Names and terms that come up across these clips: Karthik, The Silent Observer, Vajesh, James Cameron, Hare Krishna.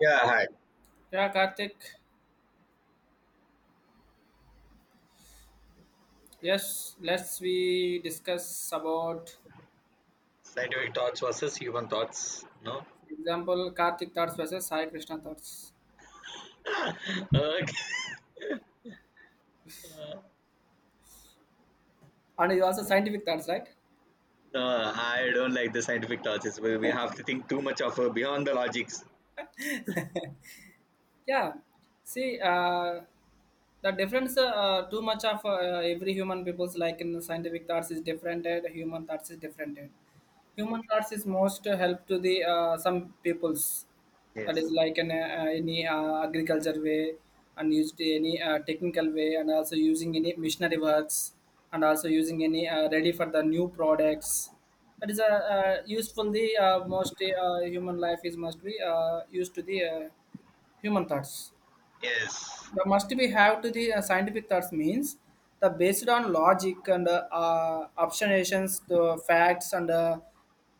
Yeah, hi. Yeah, Karthik. Yes, let's we discuss about, Scientific thoughts versus human thoughts. No. for example, Karthik thoughts versus Hare Krishna thoughts, Okay. Uh, and is also scientific thoughts, right? No, I don't like the scientific thoughts. It's, we have to think too much of beyond the logics. Yeah. See, the difference too much of every human people's like in the scientific thoughts is different and human thoughts is different and human thoughts is most help to the some peoples that Yes. is like in any agriculture way and used any technical way and also using any missionary works and also using any ready for the new products that is a useful the most human life is must be used to the human thoughts Yes. the must be have to the scientific thoughts means the based on logic and observations to facts and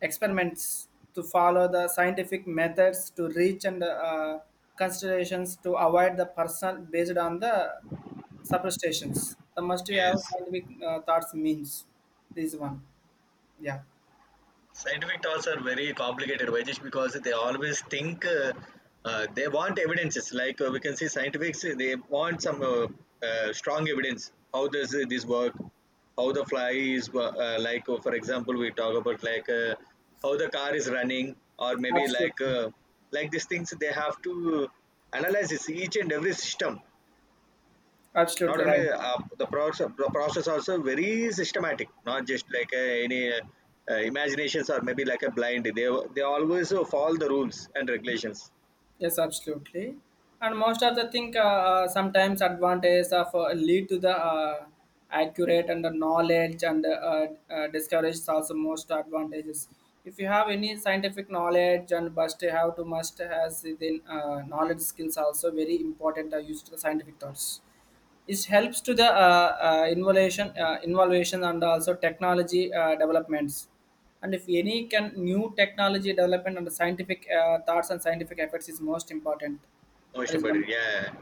experiments to follow the scientific methods to reach and considerations to avoid the personal based on the superstitions the must be have Yes. scientific thoughts means this one, yeah, Scientific thoughts are very complicated, Vajesh, because they always think they want evidences. Like we can see, scientifics they want some strong evidence. How does this work? How the fly is wo- like? For example, we talk about like how the car is running, or maybe absolutely, like these things. They have to analyze this, each and every system. Not absolutely only right. The process also very systematic. Not just like any imaginations or maybe like a blind. They always follow the rules and regulations. Yes, absolutely. And most of the thing, sometimes advantages of lead to the accurate and the knowledge and discourage also most advantages. If you have any scientific knowledge and must have to must has then knowledge skills also very important are used to the scientific thoughts. It helps to the innovation, innovation and also technology developments and if any can new technology development and scientific thoughts and scientific efforts is most important. That Most is about, one. yeah.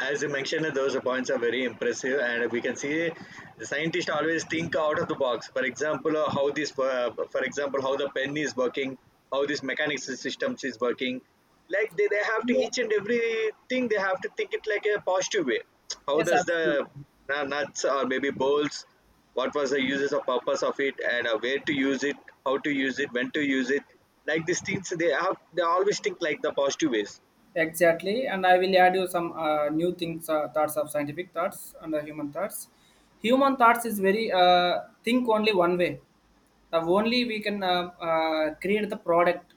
As you mentioned, those points are very impressive, and we can see the scientists always think out of the box. For example, how this, for example, how the pen is working, how this mechanics systems is working. Like they have to Yeah, each and everything they have to think it like a positive way. How yes, does the absolutely. Nuts or maybe bolts? What was the uses or purpose of it, and where to use it, how to use it, when to use it? Like these things, they always think like the positive ways. Exactly. And I will add you some new things, thoughts of scientific thoughts and the human thoughts. Human thoughts is very think only one way. The only we can create the product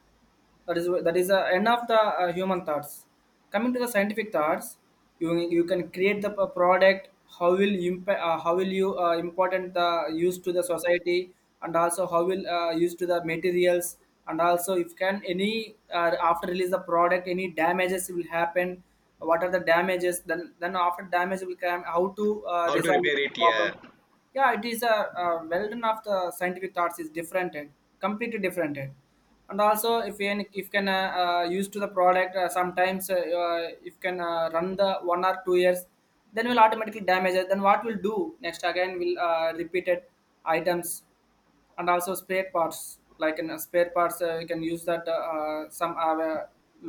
that is the end of the human thoughts coming to the scientific thoughts you can create the product how will impact, how will you important the use to the society, and also how will use to the materials, and also if can any after release the product any damages will happen, what are the damages, then after damage will come how to How to resolve the repair it? Yeah, problem. Yeah, it is a well done of the scientific thoughts is different and completely different, and also if you if can use to the product, sometimes, if can run the 1 or 2 years then will automatically damage it, then what we'll do next, again will repeated items, and also spare parts like in spare parts, you can use that some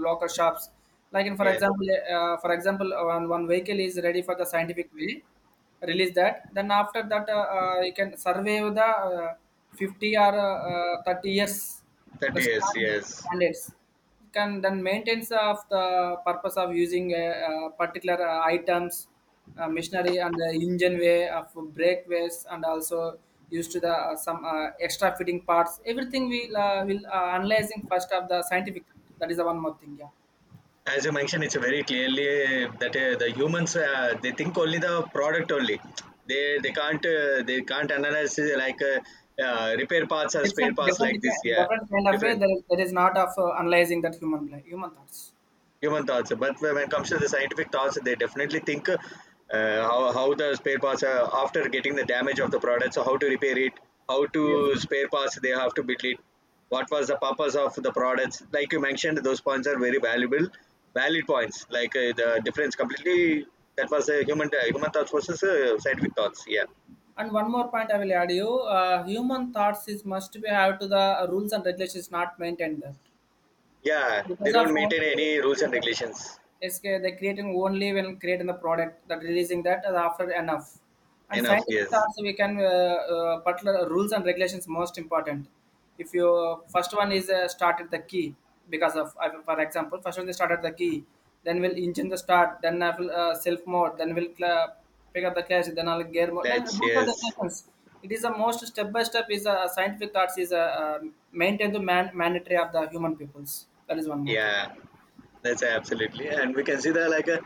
local shops, like in for yeah, example, for example one vehicle is ready for the scientific way release that, then after that you can survey the uh, 50 or 30 years that the is, yes. standards it can then maintains of the purpose of using a, particular items, machinery and the engine way of breakways and also used to the some extra fitting parts, everything will analyzing first of the scientific. That is the one more thing. Yeah, As you mentioned, it's very clearly that the humans they think only the product only. They can't they can't analyze repair parts or spare different parts different like this. Yeah, different kind of way, different. There is not of analyzing that human life, human thoughts. Human thoughts. But when it comes to the scientific thoughts, they definitely think how the spare parts after getting the damage of the product, so how to repair it, how Yes. to spare parts they have to build it, what was the purpose of the products. Like you mentioned, those points are very valuable, valid points. Like the difference completely. That was a human human thoughts versus scientific thoughts. Yeah, And one more point I will add you. Human thoughts is must be have to the rules and regulations not maintained that. yeah. They Because of don't maintain OU, any rules and regulations. it's they creating only when creating the product that releasing, that is after enough. And Enough. scientific Yes. also we can particular rules and regulations most important. If you first one is started the key, because of for example first one they started the key, then will engine the start, then I will self mode, then will pick up the cash, then I'll gear mode, then Let's. rules and Yes. regulations. It is the most step by step is a scientific thoughts is a maintain the mandatory of the human peoples. That is one more thing. Yeah. That's absolutely. And we can see that like a,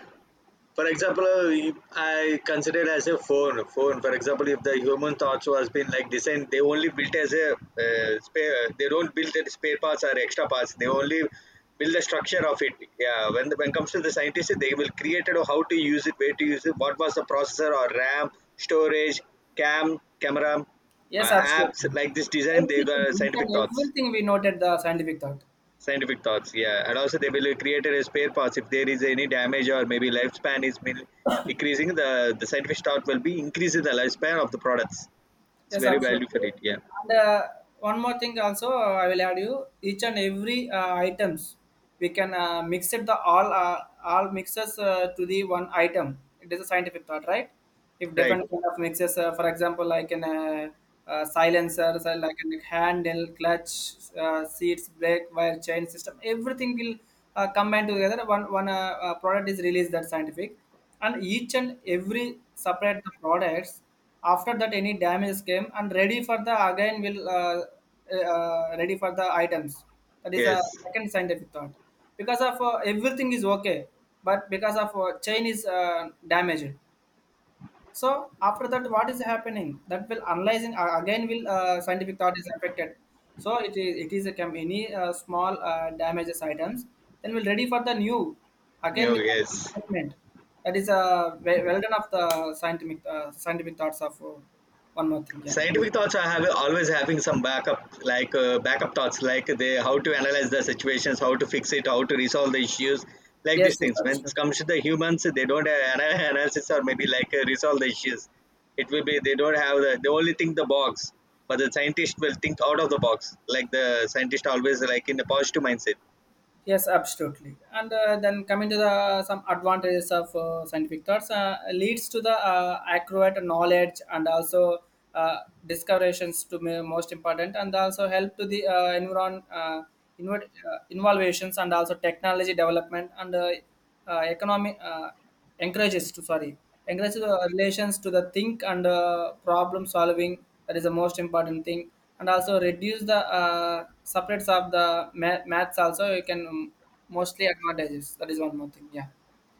for example, if I consider as a phone. Phone, for example, if the human thoughts was been like designed, they only built as a spare. They don't build the spare parts or extra parts. They only build the structure of it. Yeah, when when comes to the scientists, they will create it or how to use it, where to use it, what was the processor or RAM, storage, cam, camera, Yes, apps absolutely. like this design. They Everything, got each and scientific thoughts. everything we noted the scientific thought. Scientific thoughts, yeah. And also they will create a spare parts if there is any damage or maybe lifespan is decreasing, the scientific thought will be increasing the lifespan of the products. It's Yes, very valuable absolutely. for it, yeah. And one more thing also, I will add you each and every items we can mix it the all mixes to the one item. It is a scientific thought, right? If Right. different kind of mixes, for example, like an silencer, so like an handle, clutch, seats, brake, wire, chain system, everything will combine together. One product is released that scientific. And each and every separate the products, after that any damage came and ready for the again will ready for the items. That is a Yes. second scientific thought, because of everything is okay, but because of chain is damaged. So after that, what is happening? That will analyzing, again will scientific thought is affected. So it is a any small damages items. Then we'll ready for the new again New, with yes. investment. That is well done of the scientific thoughts of, one more thing. Yeah. Scientific thoughts I have always having some backup like backup thoughts like they how to analyze the situations, how to fix it, how to resolve the issues, like these Yes. Yes. things. When it comes Absolutely. to the humans, they don't have analysis or maybe like resolve the issues. It will be they don't have the, they only think the box, but the scientist will think out of the box, like the scientist always like in a positive mindset. Yes, absolutely. And then coming to the some advantages of scientific thoughts leads to the accurate knowledge, and also uh, discoveries to me most important, and also help to the innovations and also technology development, and economic encourages to sorry encourages, relations to the think and problem solving. That is the most important thing. And also reduce the separates of the maths also, you can mostly advantages. That is one more thing. Yeah,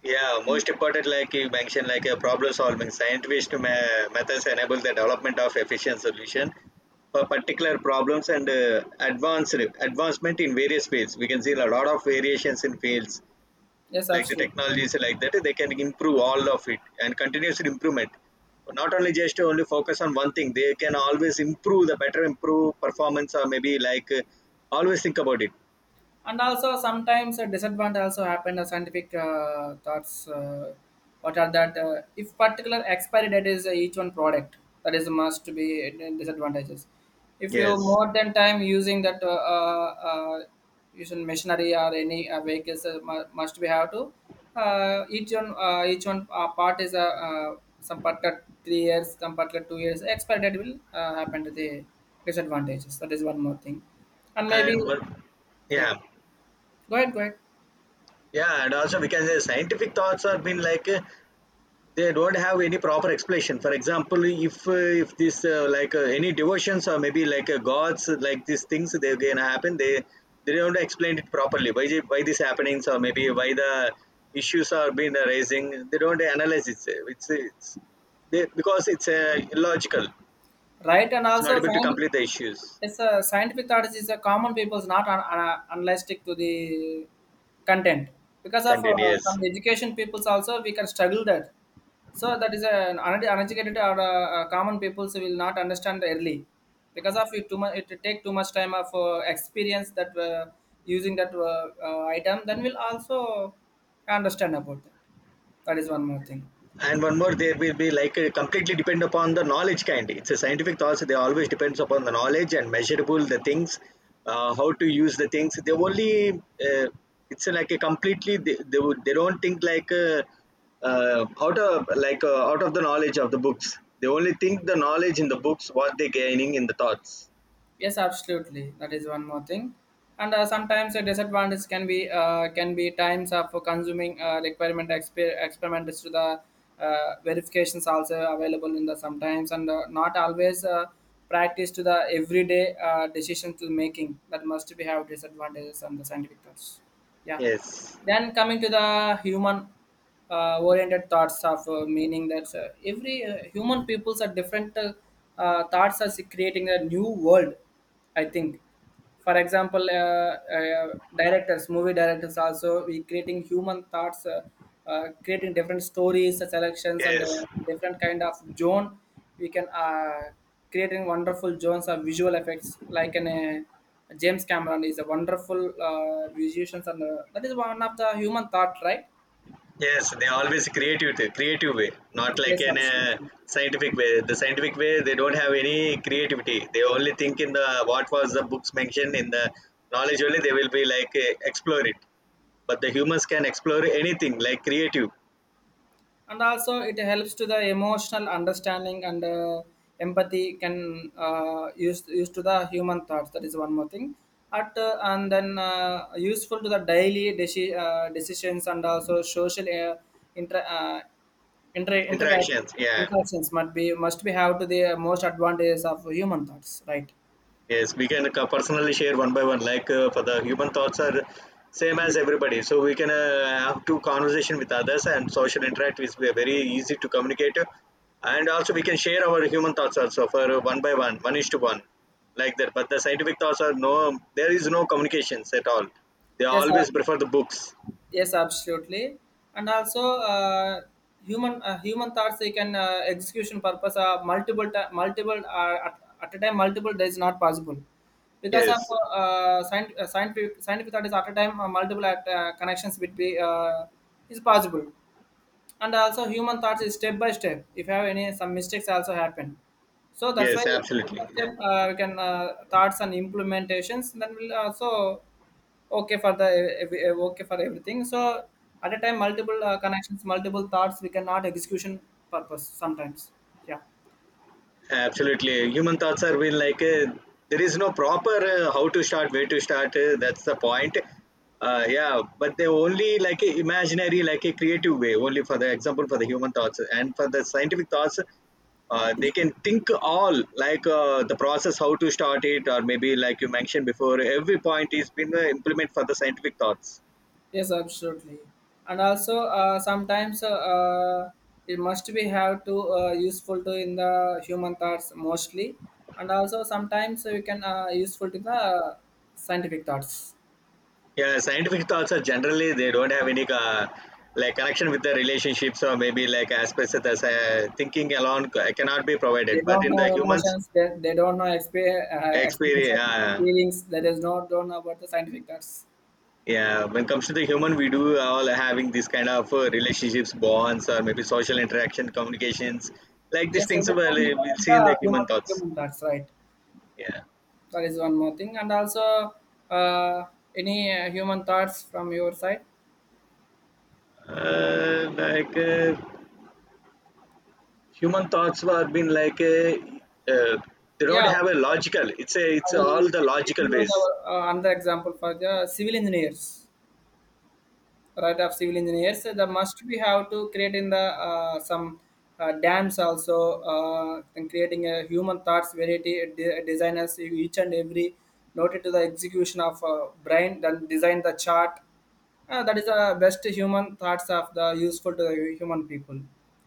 Yeah, most important, like you mentioned, like a problem solving scientific methods enable the development of efficient solution for particular problems and advanced advancement in various fields. We can see a lot of variations in fields yes, like the absolutely. technologies like that. They can improve all of it and continuous improvement. Not only just to only focus on one thing, they can always improve the better improve performance or maybe like always think about it. And also sometimes a disadvantage also happened scientific thoughts, what are that, if particular expiry date is each one product, that is must be disadvantages. If you Yes, more than time using that uh, uh, using machinery or any vehicles, must be have to each one part is a some particular 3 years, some particular 2 years expiry date will happen to the disadvantages. That is one more thing. And maybe, and but, yeah. yeah. Go ahead, go ahead. Yeah, and also we can say scientific thoughts are been like they don't have any proper explanation. For example, if this any devotions or maybe like gods like these things they're gonna happen, they don't explain it properly. Why these happenings or maybe why the issues are being arising, they don't analyze it. It's they, because it's illogical. Right, and It's not also able to find complete the issues. it's a scientific thought is a common people's not unlastic to the content, because of Continue. Yes. some education peoples also we can struggle that. So that is an uneducated or common peoples will not understand early, because of it too much it take too much time of experience that, using that item, then we'll also understand about that. That is one more thing. And one more, there will be like completely depend upon the knowledge kind. It's a scientific thoughts, they always depends upon the knowledge and measurable the things, how to use the things. They only uh, it's like a completely would, they don't think like out of like out of the knowledge of the books. They only think the knowledge in the books what they gaining in the thoughts. Yes, absolutely. That is one more thing. And sometimes a disadvantage can be times of consuming requirement experiments to the verifications also available in the sometimes, and not always practice to the everyday decision to making, that must be have disadvantages on the scientific thoughts. Yeah. Yes, Then coming to the human oriented thoughts of meaning that every human peoples are different thoughts are creating a new world, I think. For example, uh, directors movie directors also we creating human thoughts, creating different stories, selections and yes. different kind of zone we can creating wonderful zones of visual effects, like an James Cameron is a wonderful musician, and that is one of the human thought, right? Yes, they always creative, creative way, not like Yes, in a absolutely. scientific way. The scientific way, they don't have any creativity. They only think in the what was the books mentioned in the knowledge only. They will be like, eh, explore it. But the humans can explore anything like creative And also, it helps to the emotional understanding, and empathy can used to the human thoughts. That is one more thing. At And then useful to the daily decisions, and also social inter uh, inter interca- interactions. Yeah. interactions must be have to the most advantages of human thoughts. Right. Yes, we can personally share one by one. Like for the human thoughts are same as Mm. everybody, so we can have two conversation with others, and social interact is very easy to communicate. And also we can share our human thoughts also for one by one, one is to one, like that. But the scientific thoughts are no, there is no communications at all. They Yes. always prefer the books. Yes, absolutely. And also, human thoughts, they can execution purpose, multiple ti multiple, at a time, multiple days is not possible because of Yes, scientific thought is at a time, multiple connections between, is possible. And also, human thoughts is step by step, if you have any some mistakes also happen, so that's why yes, step absolutely. by Yeah. step, we can thoughts and implementations, then will also okay for the okay for everything. So at a time multiple connections, multiple thoughts, we cannot execution purpose sometimes, yeah. Absolutely. Human thoughts are been like there is no proper how to start, where to start. That's the point. Yeah, but they only like a imaginary, like a creative way. Only for the example, for the human thoughts and for the scientific thoughts, they can think all like the process how to start it or maybe like you mentioned before. Every point is been implement for the scientific thoughts. Yes, absolutely. And also, sometimes, it must be have to useful to in the human thoughts mostly. And also, sometimes you can useful to the scientific thoughts. Yeah, scientific thoughts are generally they don't have any like connection with the relationships or maybe like aspects that thinking alone cannot be They provided. But don't in know the humans, emotions, they don't know explanation, experience, feelings. They does not don't know about the scientific thoughts. yeah, when it comes to the human, we do all having this kind of relationships, bonds, or maybe social interaction, communications, like these Yes, things, everything well, we know we'll is see in the the human human thoughts. human thoughts, right? Yeah, That is one more thing, and also uh, any human thoughts from your side? uh, like uh, human thoughts have been like uh, they Yeah, don't have a logical. It's a I it's will all the give logical you ways. the another example for the civil engineers. Right of civil engineers, so the must we have to create in the some dams also, and creating a human thoughts variety, designers, each and every noted to the execution of brain, then design the chart. That is the best human thoughts of the useful to the human people.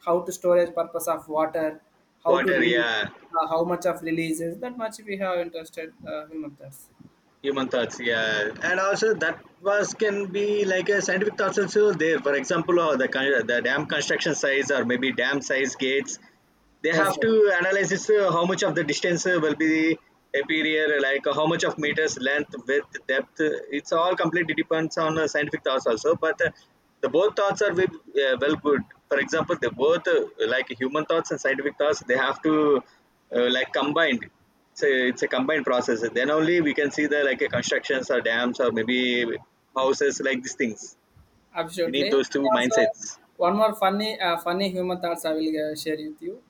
How to storage purpose of water, how to Water, release? yeah. How much of releases, that much we have interested, human thoughts. Human thoughts, yeah. And also that was can be like a scientific thoughts also there. For example, the the dam construction size or maybe dam size gates, they Yes, have sir. to analyze this how much of the distance will be appear like how much of meters length width depth it's all completely depends on scientific thoughts also, but the both thoughts are with, well good. For example, they both like human thoughts and scientific thoughts, they have to like combined. It's a combined process, then only we can see the like constructions or dams or maybe houses like these things. We Absolutely. need those And two also, mindsets. one more funny, funny human thoughts I will share with you.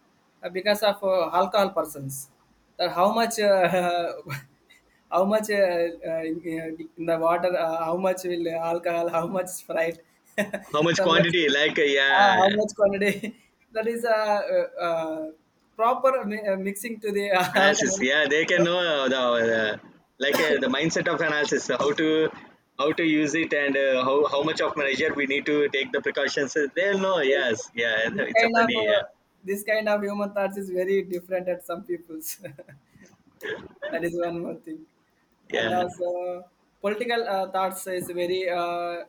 Because of alcohol persons, that how much, how much in in the water, how much will alcohol, how much Sprite, How much the much, quantity, like yeah, how much quantity. That is a proper mixing to the analysis, alcohol. yeah, they can know the the mindset of analysis, how to use it and how much of measure we need to take the precautions. They'll know. Yes, yeah. This It's a kind of funny, yeah, uh, this kind of human thoughts is very different at some people's. That is one more thing. And yeah, also, political thoughts is very uh,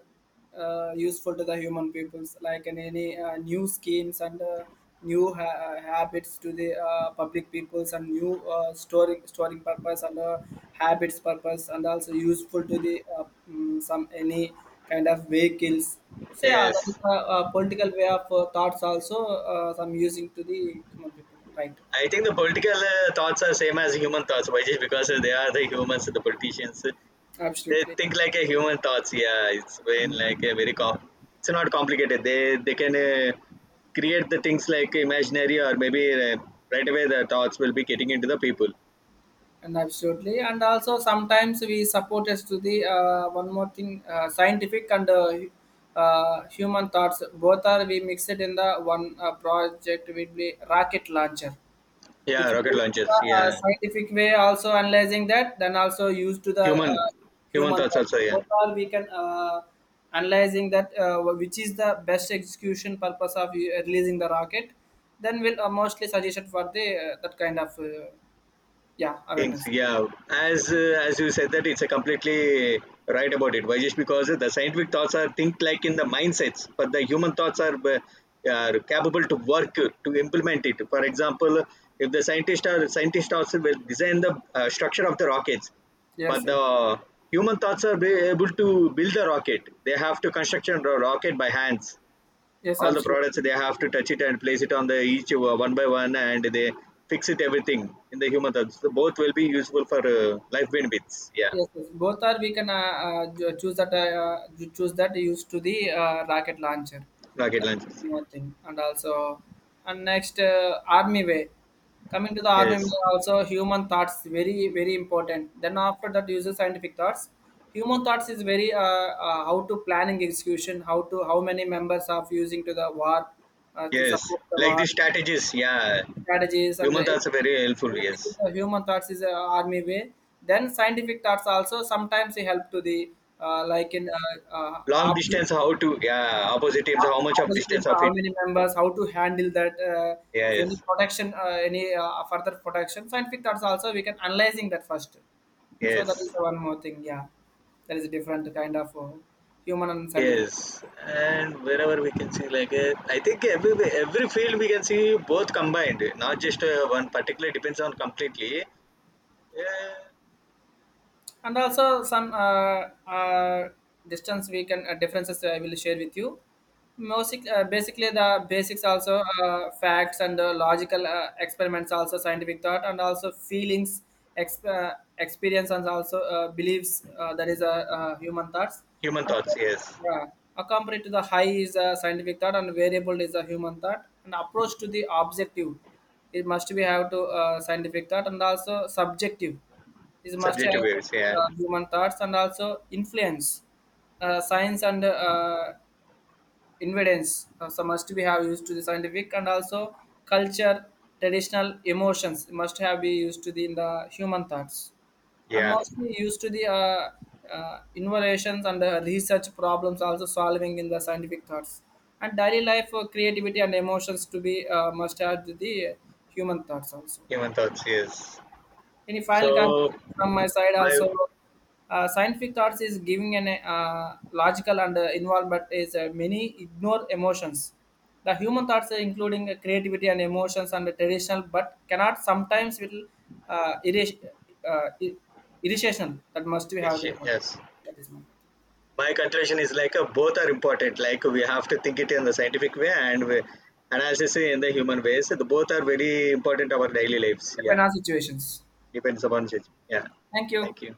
uh, useful to the human peoples, like in any new schemes, and new ha- habits to the public peoples, and new storing purpose, and habits purpose, and also useful to the some any kind of vehicles. So yeah, that is yes. A political way of thoughts also some using to the human people. Right, I think the political thoughts are same as human thoughts, why, just because they are the humans, the politicians. They absolutely. think like a human thoughts. Yeah, it's been like a very it's not complicated. They can create the things like imaginary or maybe right away the thoughts will be getting into the people. And absolutely, and also sometimes we support us to the one more thing, scientific and human thoughts, both are we mixed in the one project will be rocket launcher. Yeah, If you rocket use the launches. Yeah, scientific way also analyzing that, then also used to the human human human thoughts thoughts. also. Yeah. Both are we can analyzing that which is the best execution purpose of releasing the rocket, then we'll mostly suggested for the that kind of, yeah, Things, awareness. yeah. As you said that it's a completely right about it, Vajesh, because the scientific thoughts are think like in the mindsets, but the human thoughts are capable to work to implement it. For example, if the scientists are scientists also will design the structure of the rockets, Yes, but yes, the human thoughts are be able to build the rocket. They have to construct a rocket by hands, yes, all the products absolutely. they have to touch it and place it on the each one by one, and they fix it everything in the human touch. So both will be useful for life benefits. Yeah, Yes, yes. Both are we can choose that you choose that used to the rocket launcher. rocket That's launches. one thing, and also, and next army way. Coming to the army Yes, way, also human thoughts very very important. Then after that, uses scientific thoughts. Human thoughts is very how to planning execution, how to how many members are using to the war, to yes. support the Like war these strategies. Yeah, strategies and human thoughts are everything, very helpful. everything in Yes, the human thoughts is a army way. Then scientific thoughts also sometimes they help to the like in long opposite distance. How to? Yeah, opposite teams. How much of opposite in distance of how it? many members, how to handle that. If any Yes, protection, any further protection, scientific thoughts also we can analyzing that first. So that is yes. the one more thing. Yeah, that is a different kind of human and scientific. Yes, and wherever we can see, like I think every field we can see both combined, not just one particular depends on completely. Yeah. And also some distance we can differences, I will share with you. Music, basically the basics also, facts and logical experiments also scientific thought, and also feelings, experience, and also beliefs, that is a human thoughts. Human And, thoughts, yes. yeah, accompanied to the high is a scientific thought, and variable is a human thought, and approach to the objective it must be have to scientific thought, and also subjective this must Subjective have waves, yeah. Human thoughts, and also influence science and evidence. So must be have used to the scientific, and also culture, traditional emotions must have be used to the in the human thoughts. And Yeah. mostly used to the innovations and the research problems also solving in the scientific thoughts, and daily life creativity and emotions to be must add to the human thoughts also. Human thoughts, yes. Any final So conclusion from my side my, also? Scientific thoughts is giving an logical and involved, but is many ignore emotions. The human thoughts are including creativity and emotions, and the traditional, but cannot sometimes will uh, irri- uh, ir- irritational. That must be have to put. yes. That is my My conclusion is like both are important. Like we have to think it in the scientific way and we, analysis in the human ways. So the both are very important our daily lives. Yeah. depend on situations. Depends upon it. Yeah. Thank you. Thank you.